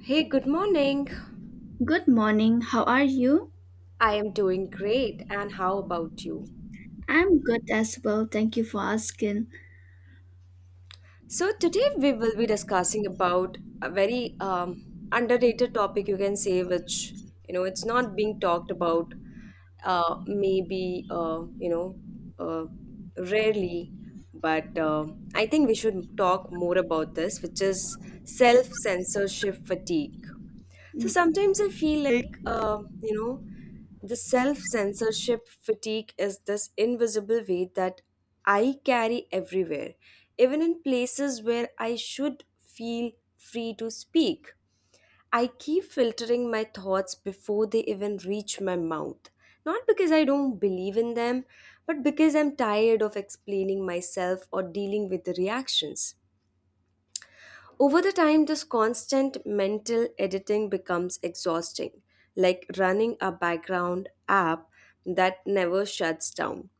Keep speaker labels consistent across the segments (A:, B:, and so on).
A: Hey, good morning.
B: Good morning. How are you?
A: I am doing great. And how about you?
B: I'm good as well. Thank you for asking.
A: So today we will be discussing about a very underrated topic, you can say, which it's not being talked about. Maybe uh, rarely, but I think we should talk more about this, which is self censorship fatigue. So
B: You
A: sometimes I feel like you know the self censorship fatigue is this invisible weight that I carry everywhere, even in places where I should feel free to speak. I keep filtering my thoughts before they even reach my mouth. Not because I don't believe in them, but because I'm tired of explaining myself or dealing with the reactions. Over the time, this constant mental editing becomes exhausting, like running a background app that never shuts down.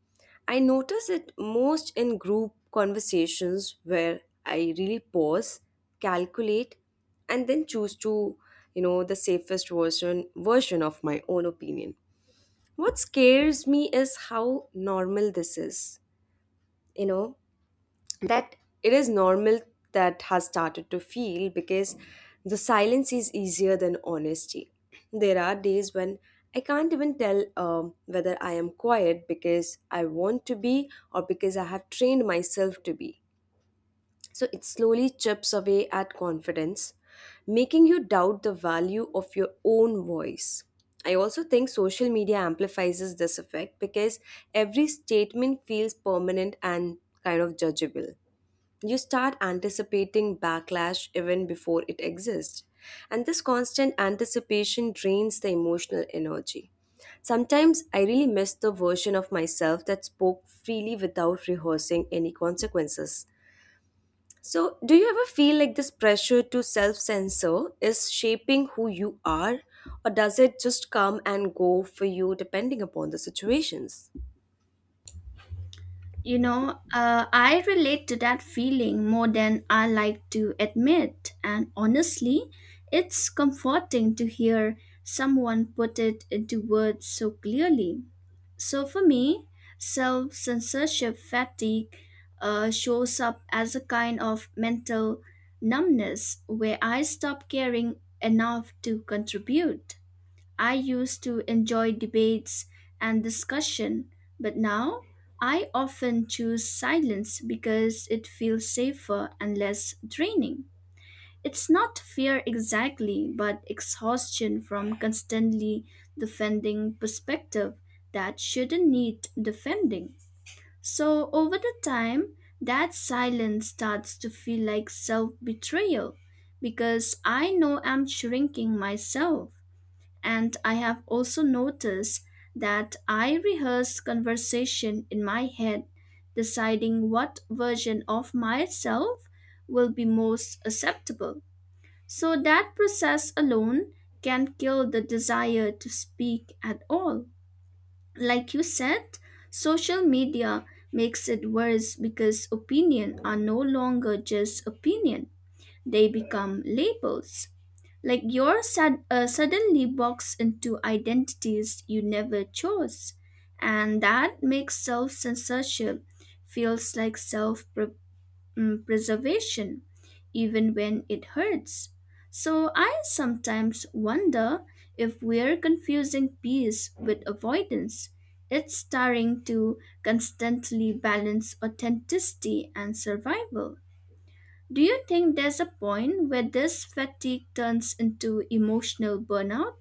A: I notice it most in group conversations where I really pause, calculate, and then choose to, the safest version of my own opinion. What scares me is how normal this is, you know that it is normal that has started to feel, because the silence is easier than honesty. There are days when I can't even tell whether I am quiet because I want to be or because I have trained myself to be. So it slowly chips away at confidence, making you doubt the value of your own voice. I also think social media amplifies this effect because every statement feels permanent and kind of judgeable. You start anticipating backlash even before it exists. And this constant anticipation drains the emotional energy. Sometimes I really miss the version of myself that spoke freely without rehearsing any consequences. So, do you ever feel like this pressure to self censor is shaping who you are, or does it just come and go for you depending upon the situations?
B: know, I relate to that feeling more than I like to admit. And honestly, it's comforting to hear someone put it into words so clearly. So for me, self censorship fatigue shows up as a kind of mental numbness where I stop caring enough to contribute. I used to enjoy debates and discussion, but now I often choose silence because it feels safer and less draining. It's not fear exactly, but exhaustion from constantly defending perspective that shouldn't need defending. So over the time, that silence starts to feel like self-betrayal because I know I'm shrinking myself. And I have also noticed that I rehearse conversation in my head, deciding what version of myself will be most acceptable. So that process alone can kill the desire to speak at all. Like you said, social media makes it worse because opinions are no longer just opinion, they become labels. Like yours, suddenly boxed into identities you never chose. And that makes self censorship feels like self preservation, even when it hurts. So I sometimes wonder if we're confusing peace with avoidance. It's tiring to constantly balance authenticity and survival. Do you think there's a point where this fatigue turns into emotional burnout?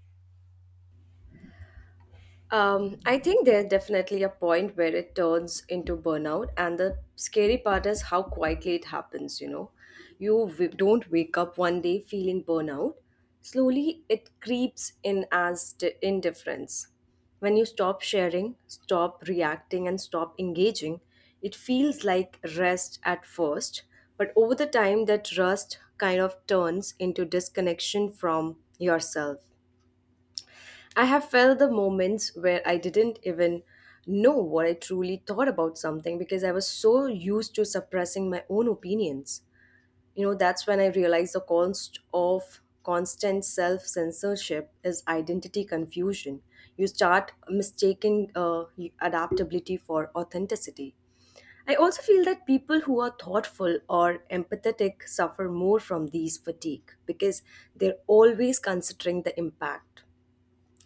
A: I think there's definitely a point where it turns into burnout, and the scary part is how quietly it happens. You don't wake up one day feeling burnout. Slowly, it creeps in as indifference. When you stop sharing, stop reacting, and stop engaging, it feels like rest at first, but over the time, that rest kind of turns into disconnection from yourself. I have felt the moments where I didn't even know what I truly thought about something because I was so used to suppressing my own opinions. That's when I realized the cost of constant self censorship is identity confusion. You start mistaking adaptability for authenticity. I also feel that people who are thoughtful or empathetic suffer more from these fatigue because they're always considering the impact.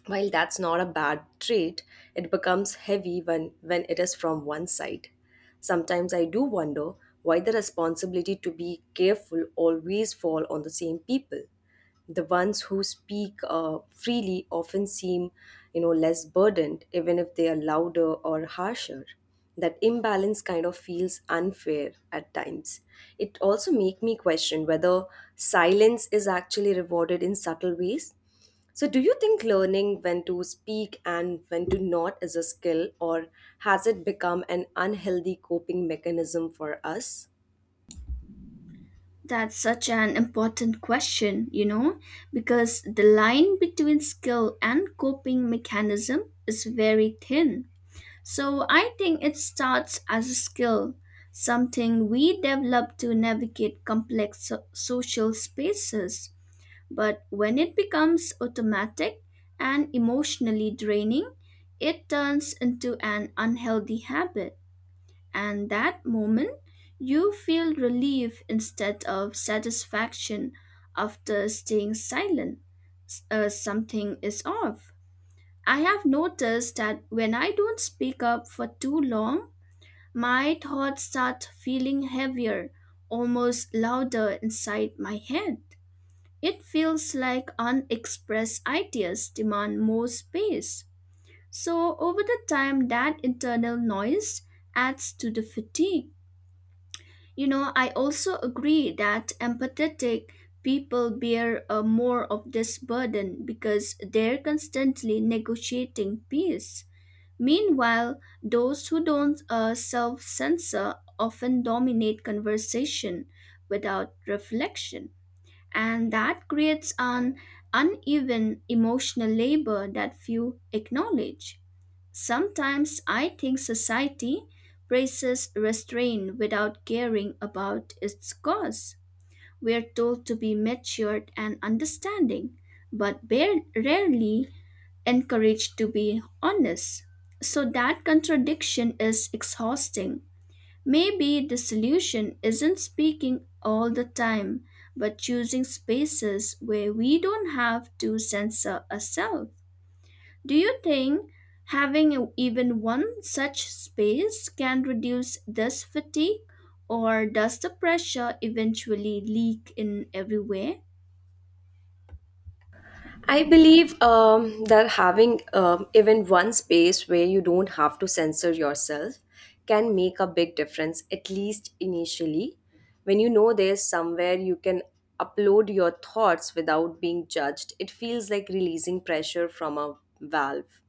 A: While that's not a bad trait, it becomes heavy when it is from one side. Sometimes I do wonder why the responsibility to be careful always fall on the same people. The ones who speak freely often seem, less burdened, even if they are louder or harsher. That imbalance kind of feels unfair at times. It also make me question whether silence is actually rewarded in subtle ways. So, do you think learning when to speak and when to not is a skill, or has it become an unhealthy coping mechanism for us?
B: That's such an important question, you know, because the line between skill and coping mechanism is very thin. So I think it starts as a skill, something we develop to navigate complex social spaces. But when it becomes automatic and emotionally draining, it turns into an unhealthy habit. And that moment, you feel relief instead of satisfaction after staying silent. Something is off. I have noticed that when I don't speak up for too long, my thoughts start feeling heavier, almost louder inside my head. It feels like unexpressed ideas demand more space. So, over the time, that internal noise adds to the fatigue. You know, I also agree that empathetic people bear more of this burden because they're constantly negotiating peace. Meanwhile, those who don't self censor often dominate conversation without reflection, and that creates an uneven emotional labor that few acknowledge. Sometimes I think society praises restraint without caring about its cause. We are told to be matured and understanding, but rarely encouraged to be honest. So that contradiction is exhausting. Maybe the solution isn't speaking all the time, but choosing spaces where we don't have to censor ourselves. Do you think having even one such space can reduce this fatigue, or does the pressure eventually leak in everywhere?
A: I believe that having even one space where you don't have to censor yourself can make a big difference, at least initially. When you know there's somewhere you can upload your thoughts without being judged, it feels like releasing pressure from a valve.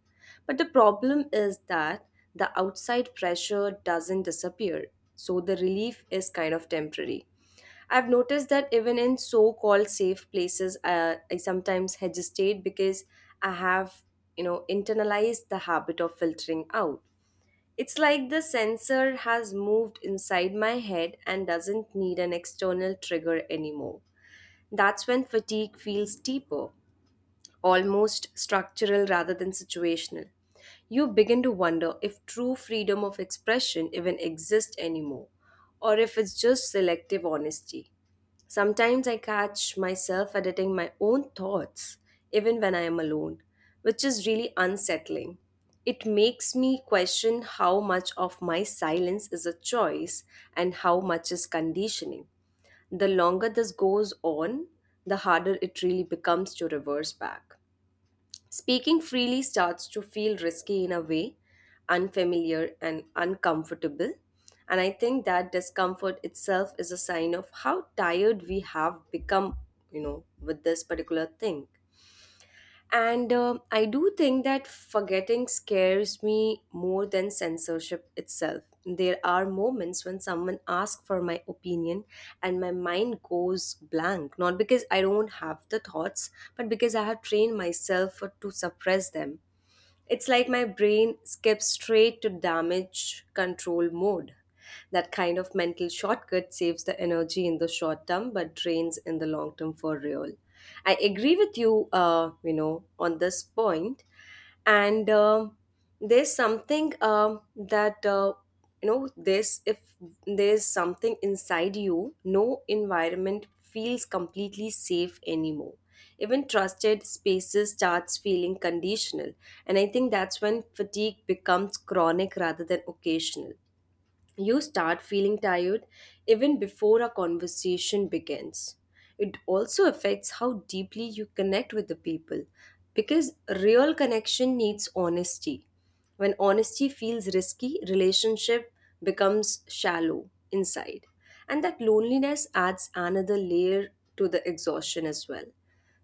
A: But the problem is that the outside pressure doesn't disappear, so the relief is kind of temporary. I've noticed that even in so-called safe places, I sometimes hesitate because I have, internalized the habit of filtering out. It's like the sensor has moved inside my head and doesn't need an external trigger anymore. That's when fatigue feels deeper, almost structural rather than situational. You begin to wonder if true freedom of expression even exists anymore, or if it's just selective honesty. Sometimes I catch myself editing my own thoughts, even when I am alone, which is really unsettling. It makes me question how much of my silence is a choice and how much is conditioning. The longer this goes on, the harder it really becomes to reverse back. Speaking freely starts to feel risky in a way, unfamiliar and uncomfortable. And I think that discomfort itself is a sign of how tired we have become, with this particular thing. And I do think that forgetting scares me more than censorship itself. There are moments when someone asks for my opinion and my mind goes blank, not because I don't have the thoughts, but because I have trained myself to suppress them. It's like my brain skips straight to damage control mode. That kind of mental shortcut saves the energy in the short term but drains in the long term for real. I agree with you, on this point, and there's something that you know this if there's something inside you, no environment feels completely safe anymore. Even trusted spaces starts feeling conditional, and I think that's when fatigue becomes chronic rather than occasional. You start feeling tired even before a conversation begins. It also affects how deeply you connect with the people because real connection needs honesty. When honesty feels risky, relationship becomes shallow inside. And that loneliness adds another layer to the exhaustion as well.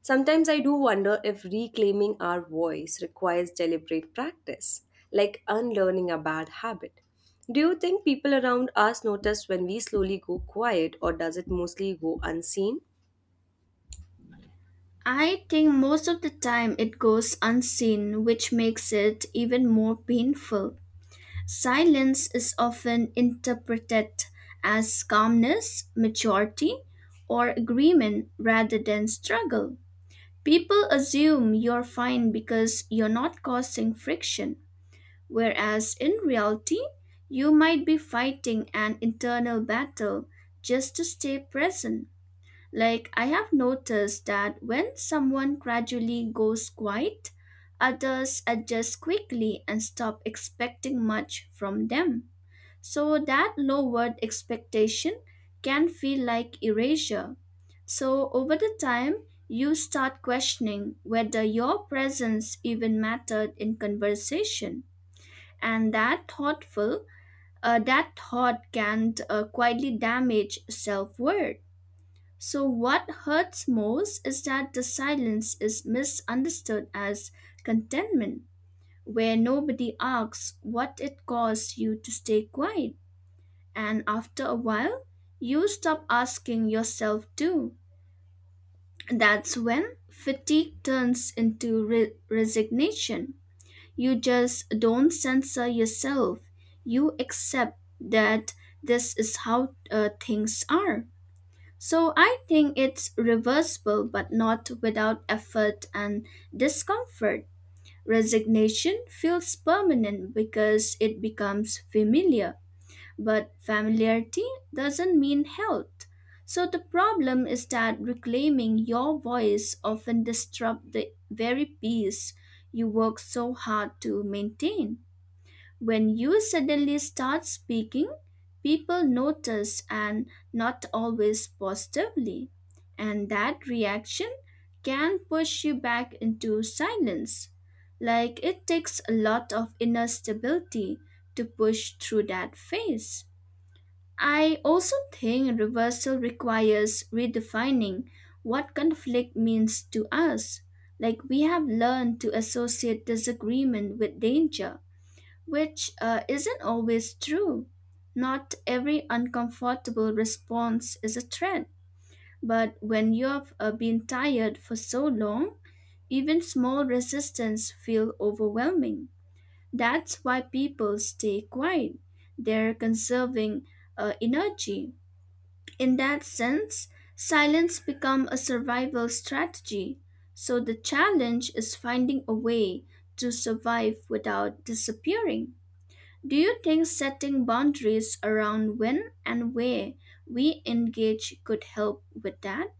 A: Sometimes I do wonder if reclaiming our voice requires deliberate practice, like unlearning a bad habit. Do you think people around us notice when we slowly go quiet, or does it mostly go unseen?
B: I think most of the time it goes unseen, which makes it even more painful. Silence is often interpreted as calmness, maturity, or agreement rather than struggle. People assume you're fine because you're not causing friction, whereas in reality, you might be fighting an internal battle just to stay present. Like, I have noticed that when someone gradually goes quiet, others adjust quickly and stop expecting much from them. So that lowered expectation can feel like erasure. So over the time, you start questioning whether your presence even mattered in conversation. And that thoughtful, that thought can quietly damage self-worth. So what hurts most is that the silence is misunderstood as contentment, where nobody asks what it costs you to stay quiet. And after a while, you stop asking yourself to. That's when fatigue turns into resignation. You just don't censor yourself. You accept that this is how things are. So I think it's reversible, but not without effort and discomfort. Resignation feels permanent because it becomes familiar. But familiarity doesn't mean health. So the problem is that reclaiming your voice often disrupts the very peace you work so hard to maintain. When you suddenly start speaking, people notice and not always positively. And that reaction can push you back into silence. Like it takes a lot of inner stability to push through that phase. I also think reversal requires redefining what conflict means to us. Like we have learned to associate disagreement with danger, which isn't always true. Not every uncomfortable response is a threat, but when you've been tired for so long, even small resistance feel overwhelming. That's why people stay quiet. They're conserving energy. In that sense, silence becomes a survival strategy. So the challenge is finding a way to survive without disappearing. Do you think setting boundaries around when and where we engage could help with that?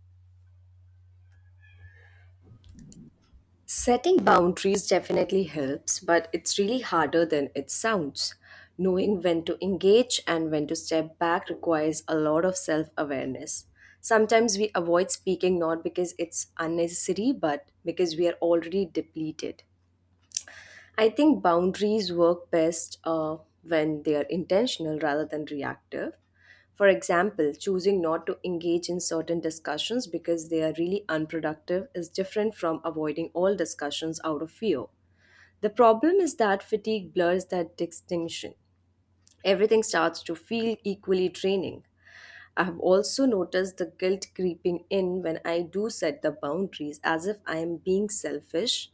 A: Setting boundaries definitely helps, but it's really harder than it sounds. Knowing when to engage and when to step back requires a lot of self awareness. Sometimes we avoid speaking not because it's unnecessary, but because we are already depleted. I think boundaries work best when they are intentional rather than reactive. For example, choosing not to engage in certain discussions because they are really unproductive is different from avoiding all discussions out of fear. The problem is that fatigue blurs that distinction. Everything starts to feel equally draining. I have also noticed the guilt creeping in when I do set the boundaries, as if I am being selfish.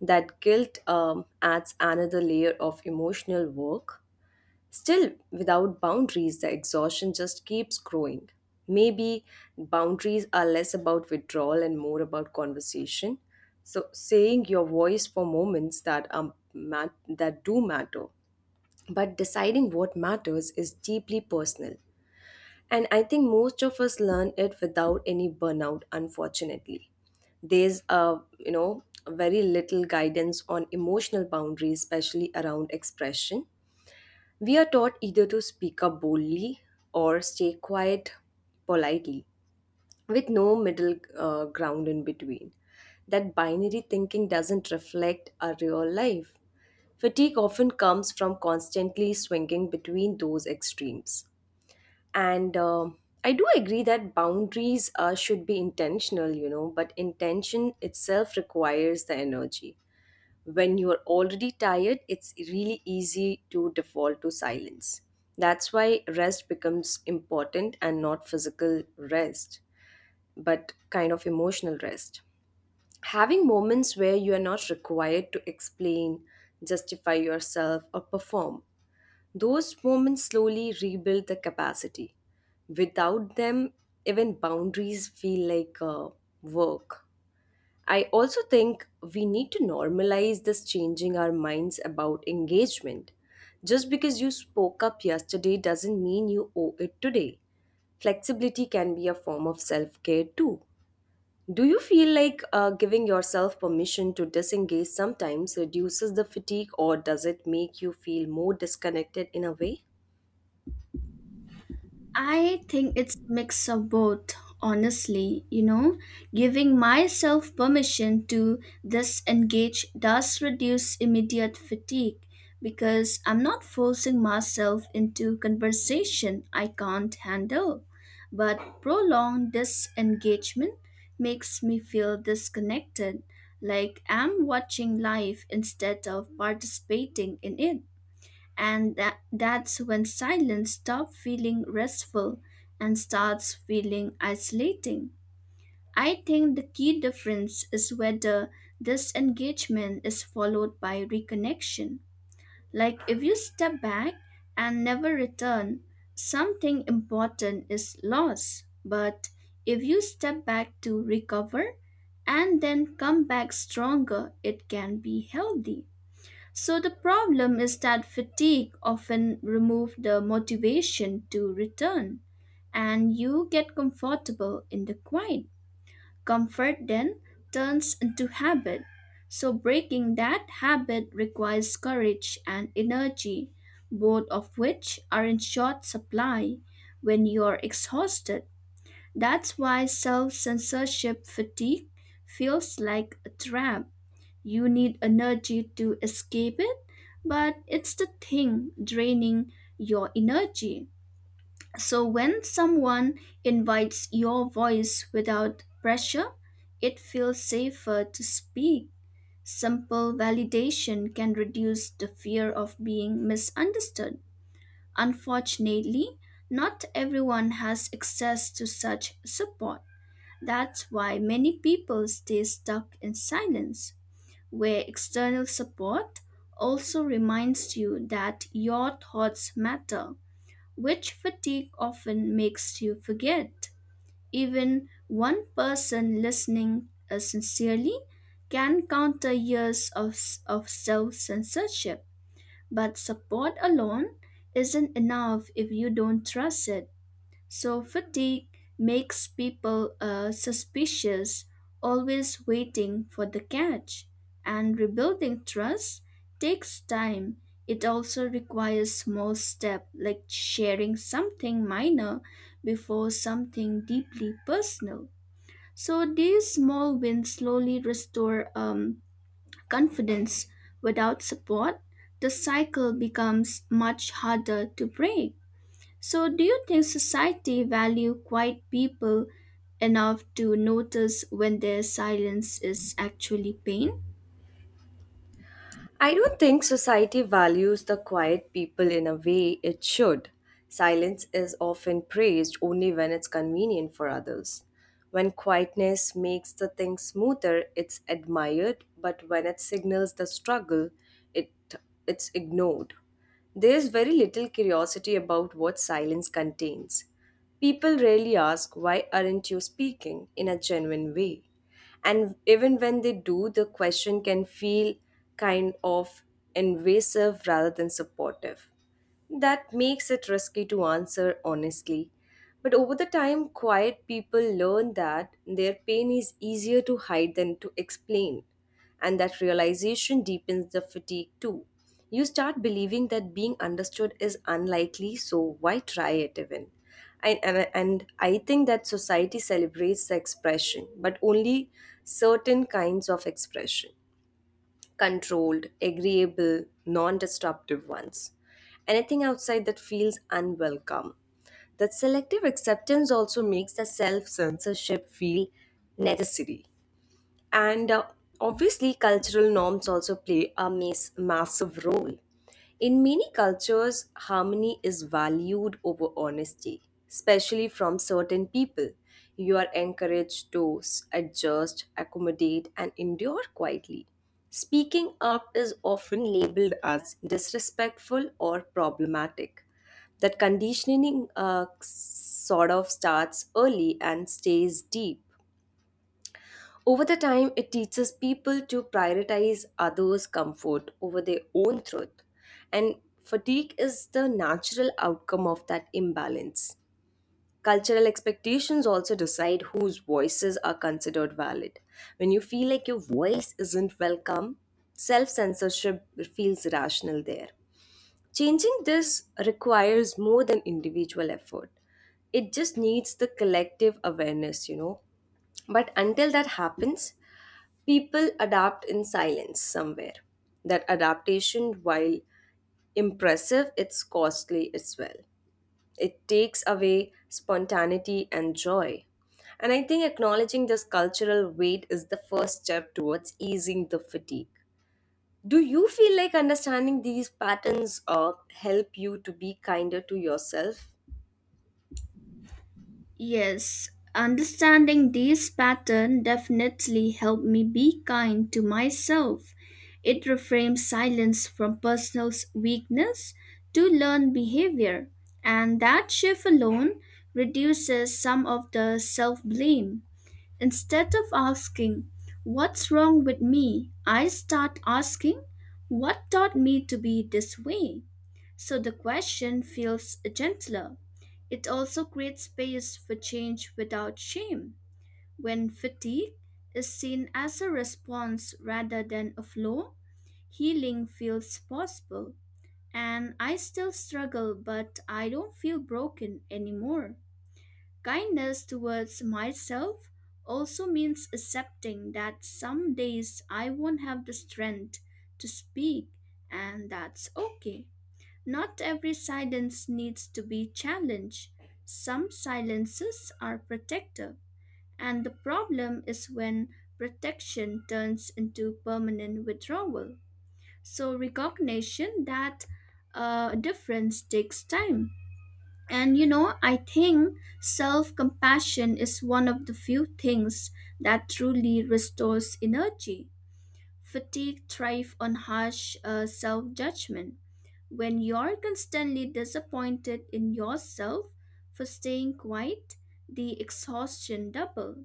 A: That guilt adds another layer of emotional work. Still, without boundaries, the exhaustion just keeps growing. Maybe boundaries are less about withdrawal and more about conversation. So, saying your voice for moments that do matter, but deciding what matters is deeply personal. And I think most of us learn it without any burnout, unfortunately. There's a you know very little guidance on emotional boundaries, especially around expression. We are taught either to speak up boldly or stay quiet politely, with no middle ground in between. That binary thinking doesn't reflect our real life. Fatigue often comes from constantly swinging between those extremes, and I do agree that boundaries should be intentional, but intention itself requires the energy. When you are already tired, it's really easy to default to silence. That's why rest becomes important, and not physical rest, but kind of emotional rest. Having moments where you are not required to explain, justify yourself, or perform, those moments slowly rebuild the capacity. Without them, even boundaries feel like work. I also think we need to normalize this changing our minds about engagement. Just because you spoke up yesterday doesn't mean you owe it today. Flexibility can be a form of self care too. Do you feel like giving yourself permission to disengage sometimes reduces the fatigue, or does it make you feel more disconnected in a way?
B: I think it's mix of both, honestly, you know. Giving myself permission to disengage does reduce immediate fatigue because I'm not forcing myself into conversation I can't handle. But prolonged disengagement makes me feel disconnected, like I'm watching life instead of participating in it. And that's when silence stops feeling restful and starts feeling isolating. I think the key difference is whether this engagement is followed by reconnection. Like if you step back and never return, something important is lost. But if you step back to recover and then come back stronger, it can be healthy. So the problem is that fatigue often removes the motivation to return, and you get comfortable in the quiet. Comfort then turns into habit. So breaking that habit requires courage and energy, both of which are in short supply when you are exhausted. That's why self censorship fatigue feels like a trap. You need energy to escape it, but it's the thing draining your energy. So when someone invites your voice without pressure, it feels safer to speak. Simple validation can reduce the fear of being misunderstood. Unfortunately, not everyone has access to such support. That's why many people stay stuck in silence, where external support also reminds you that your thoughts matter, which fatigue often makes you forget. Even one person listening sincerely can counter years of, of self censorship, but support alone isn't enough if you don't trust it. So fatigue makes people suspicious, always waiting for the catch. And rebuilding trust takes time. It also requires small steps like sharing something minor before something deeply personal. So these small wins slowly restore confidence. Without support, the cycle becomes much harder to break. So, do you think society value quiet people enough to notice when their silence is actually pain?
A: I don't think society values the quiet people in a way it should. Silence is often praised only when it's convenient for others. When quietness makes the thing smoother, it's admired, but when it signals the struggle, it it it's ignored. There's very little curiosity about what silence contains. People rarely ask why aren't you speaking in a genuine way. And even when they do, the question can feel kind of invasive rather than supportive. That makes it risky to answer honestly. But over the time, quiet people learn that their pain is easier to hide than to explain. And that realization deepens the fatigue too. You start believing that being understood is unlikely, so why try it even? And I think that society celebrates the expression, but only certain kinds of expression, controlled, agreeable, non disruptive ones. Anything outside that feels unwelcome. That selective acceptance also makes the self censorship feel necessary. And obviously, cultural norms also play a massive role. In many cultures, harmony is valued over honesty, especially from certain people. You are encouraged to adjust, accommodate, and endure quietly. Speaking up is often labeled as disrespectful or problematic. That conditioning sort of starts early and stays deep. Over the time, it teaches people to prioritize others' comfort over their own truth. And fatigue is the natural outcome of that imbalance. Cultural expectations also decide whose voices are considered valid. When you feel like your voice isn't welcome, self censorship feels rational there. Changing this requires more than individual effort, it just needs the collective awareness. But until that happens, people adapt in silence somewhere. That adaptation, while impressive, it's costly as well. It takes away spontaneity and joy. And I think acknowledging this cultural weight is the first step towards easing the fatigue. Do you feel like understanding these patterns help you to be kinder to yourself?
B: Yes, understanding this pattern definitely helped me be kind to myself. It reframes silence from personal weakness to learned behavior, and that shift alone reduces some of the self blame. Instead of asking, "What's wrong with me?" I start asking, "What taught me to be this way?" So the question feels gentler. It also creates space for change without shame. When fatigue is seen as a response rather than a flaw, healing feels possible. And I still struggle, but I don't feel broken anymore. Kindness towards myself also means accepting that some days I won't have the strength to speak, and that's okay. Not every silence needs to be challenged. Some silences are protective, and the problem is when protection turns into permanent withdrawal. So, recognition that difference takes time, and you know, I think self compassion is one of the few things that truly restores energy. Fatigue thrives on harsh self judgment. When you're constantly disappointed in yourself for staying quiet, the exhaustion double.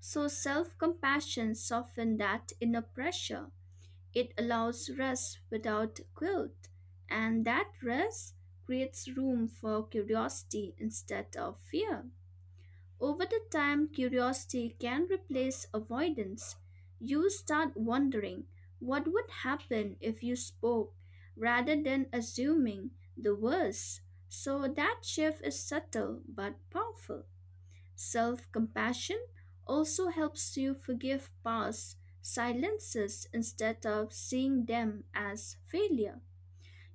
B: So self compassion softens that inner pressure. It allows rest without guilt, and that rest creates room for curiosity instead of fear. Over the time, curiosity can replace avoidance. You start wondering what would happen if you spoke rather than assuming the worst. So that shift is subtle but powerful. Self compassion also helps you forgive past silences instead of seeing them as failure.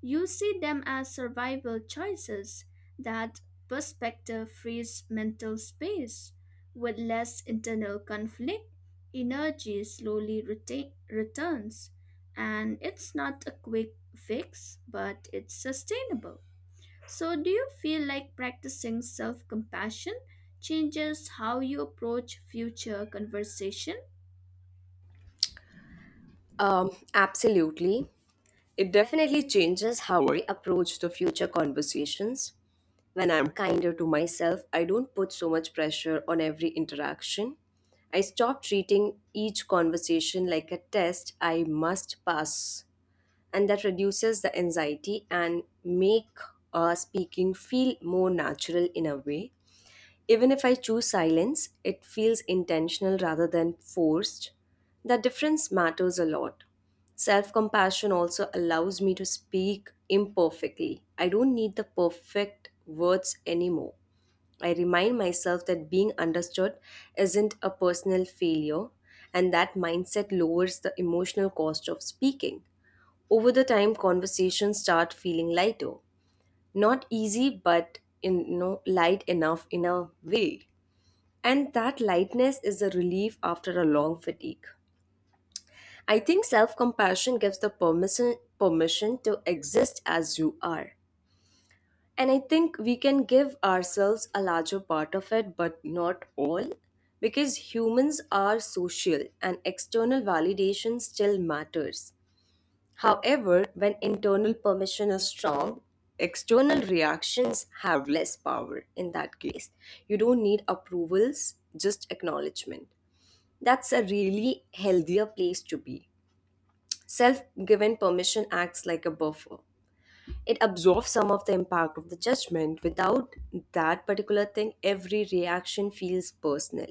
B: You see them as survival choices. That perspective frees mental space. With less internal conflict, energy slowly returns. And it's not a quick fix, but it's sustainable. So, do you feel like practicing self compassion changes how you approach future conversation?
A: Absolutely. It definitely changes how I approach the future conversations. When I'm kinder to myself, I don't put so much pressure on every interaction. I stop treating each conversation like a test I must pass, and that reduces the anxiety and make speaking feel more natural in a way. Even if I choose silence, it feels intentional rather than forced. That difference matters a lot. Self compassion also allows me to speak imperfectly. I don't need the perfect words anymore. I remind myself that being understood isn't a personal failure, and that mindset lowers the emotional cost of speaking. Over the time, conversations start feeling lighter. Not easy, but light enough in a way. And that lightness is a relief after a long fatigue. I think self compassion gives the permission to exist as you are. And I think we can give ourselves a larger part of it, but not all, because humans are social and external validation still matters. However, when internal permission is strong, external reactions have less power in that case. You don't need approvals, just acknowledgement. That's a really healthier place to be. Self given permission acts like a buffer. It absorbs some of the impact of the judgment. Without that particular thing, every reaction feels personal.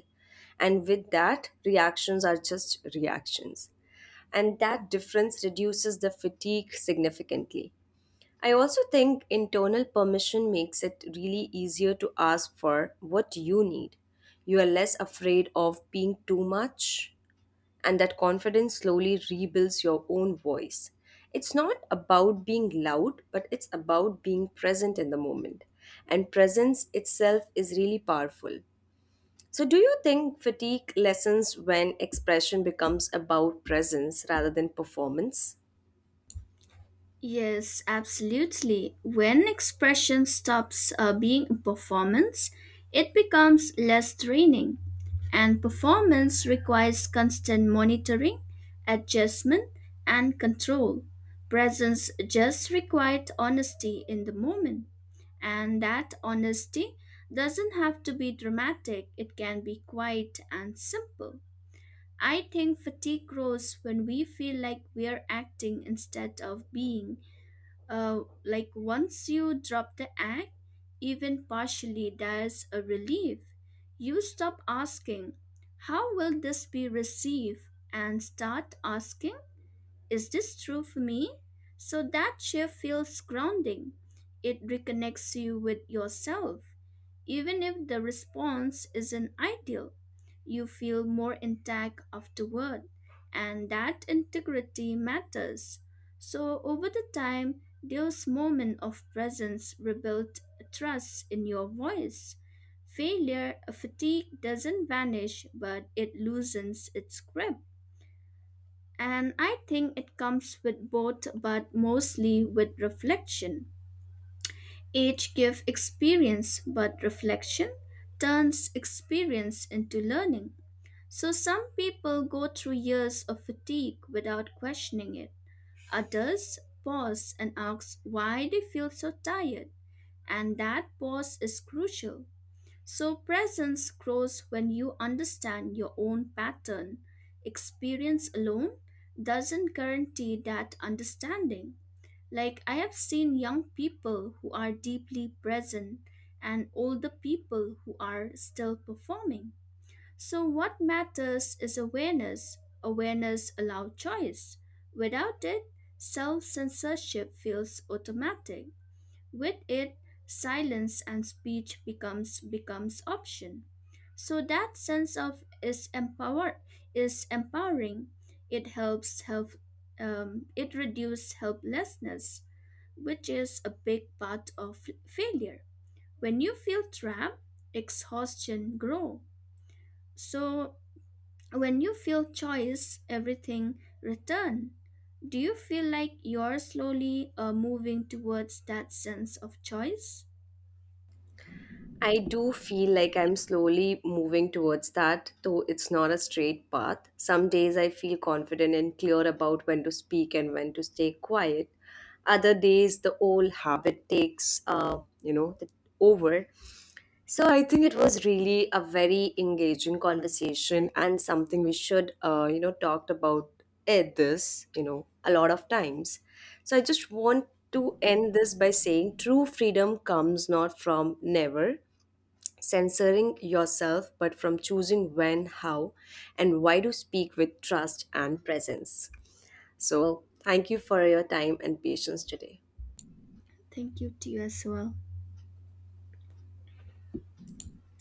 A: And with that, reactions are just reactions. And that difference reduces the fatigue significantly. I also think internal permission makes it really easier to ask for what you need. You are less afraid of being too much and that confidence slowly rebuilds your own voice. It's not about being loud, but it's about being present in the moment. And presence itself is really powerful. So, do you think fatigue lessens when expression becomes about presence rather than performance?
B: Yes, absolutely. When expression stops being a performance, it becomes less draining, and performance requires constant monitoring, adjustment, and control. Presence just required honesty in the moment. And that honesty doesn't have to be dramatic, it can be quiet and simple. I think fatigue grows when we feel like we're acting instead of being. Like once you drop the act, even partially, there's a relief. You stop asking, "How will this be received?" and start asking, "Is this true for me?" So that shift feels grounding. It reconnects you with yourself. Even if the response isn't ideal, you feel more intact afterward, and that integrity matters. So, over the time, those moments of presence rebuild trust in your voice. Failure fatigue doesn't vanish, but it loosens its grip. And I think it comes with both, but mostly with reflection. Age gives experience, but reflection turns experience into learning. So some people go through years of fatigue without questioning it. Others pause and ask why they feel so tired. And that pause is crucial. So presence grows when you understand your own pattern. Experience alone doesn't guarantee that understanding. Like, I have seen young people who are deeply present and older people who are still performing. So, what matters is awareness. Awareness allows choice. Without it, self censorship feels automatic. With it, silence and speech becomes option. So that sense of is empower is empowering. It helps help it reduce helplessness, which is a big part of failure. When you feel trapped, exhaustion grow. So when you feel choice, everything return. Do you feel like you're slowly moving towards that sense of choice?
A: I do feel like I'm slowly moving towards that, though it's not a straight path. Some days I feel confident and clear about when to speak and when to stay quiet. Other days, the old habit takes, the over. So I think it was really a very engaging conversation and something we should talked about at this, a lot of times. So I just want to end this by saying true freedom comes not from never censoring yourself, but from choosing when, how, and why to speak with trust and presence. So, thank you for your time and patience today.
B: Thank you to you as well.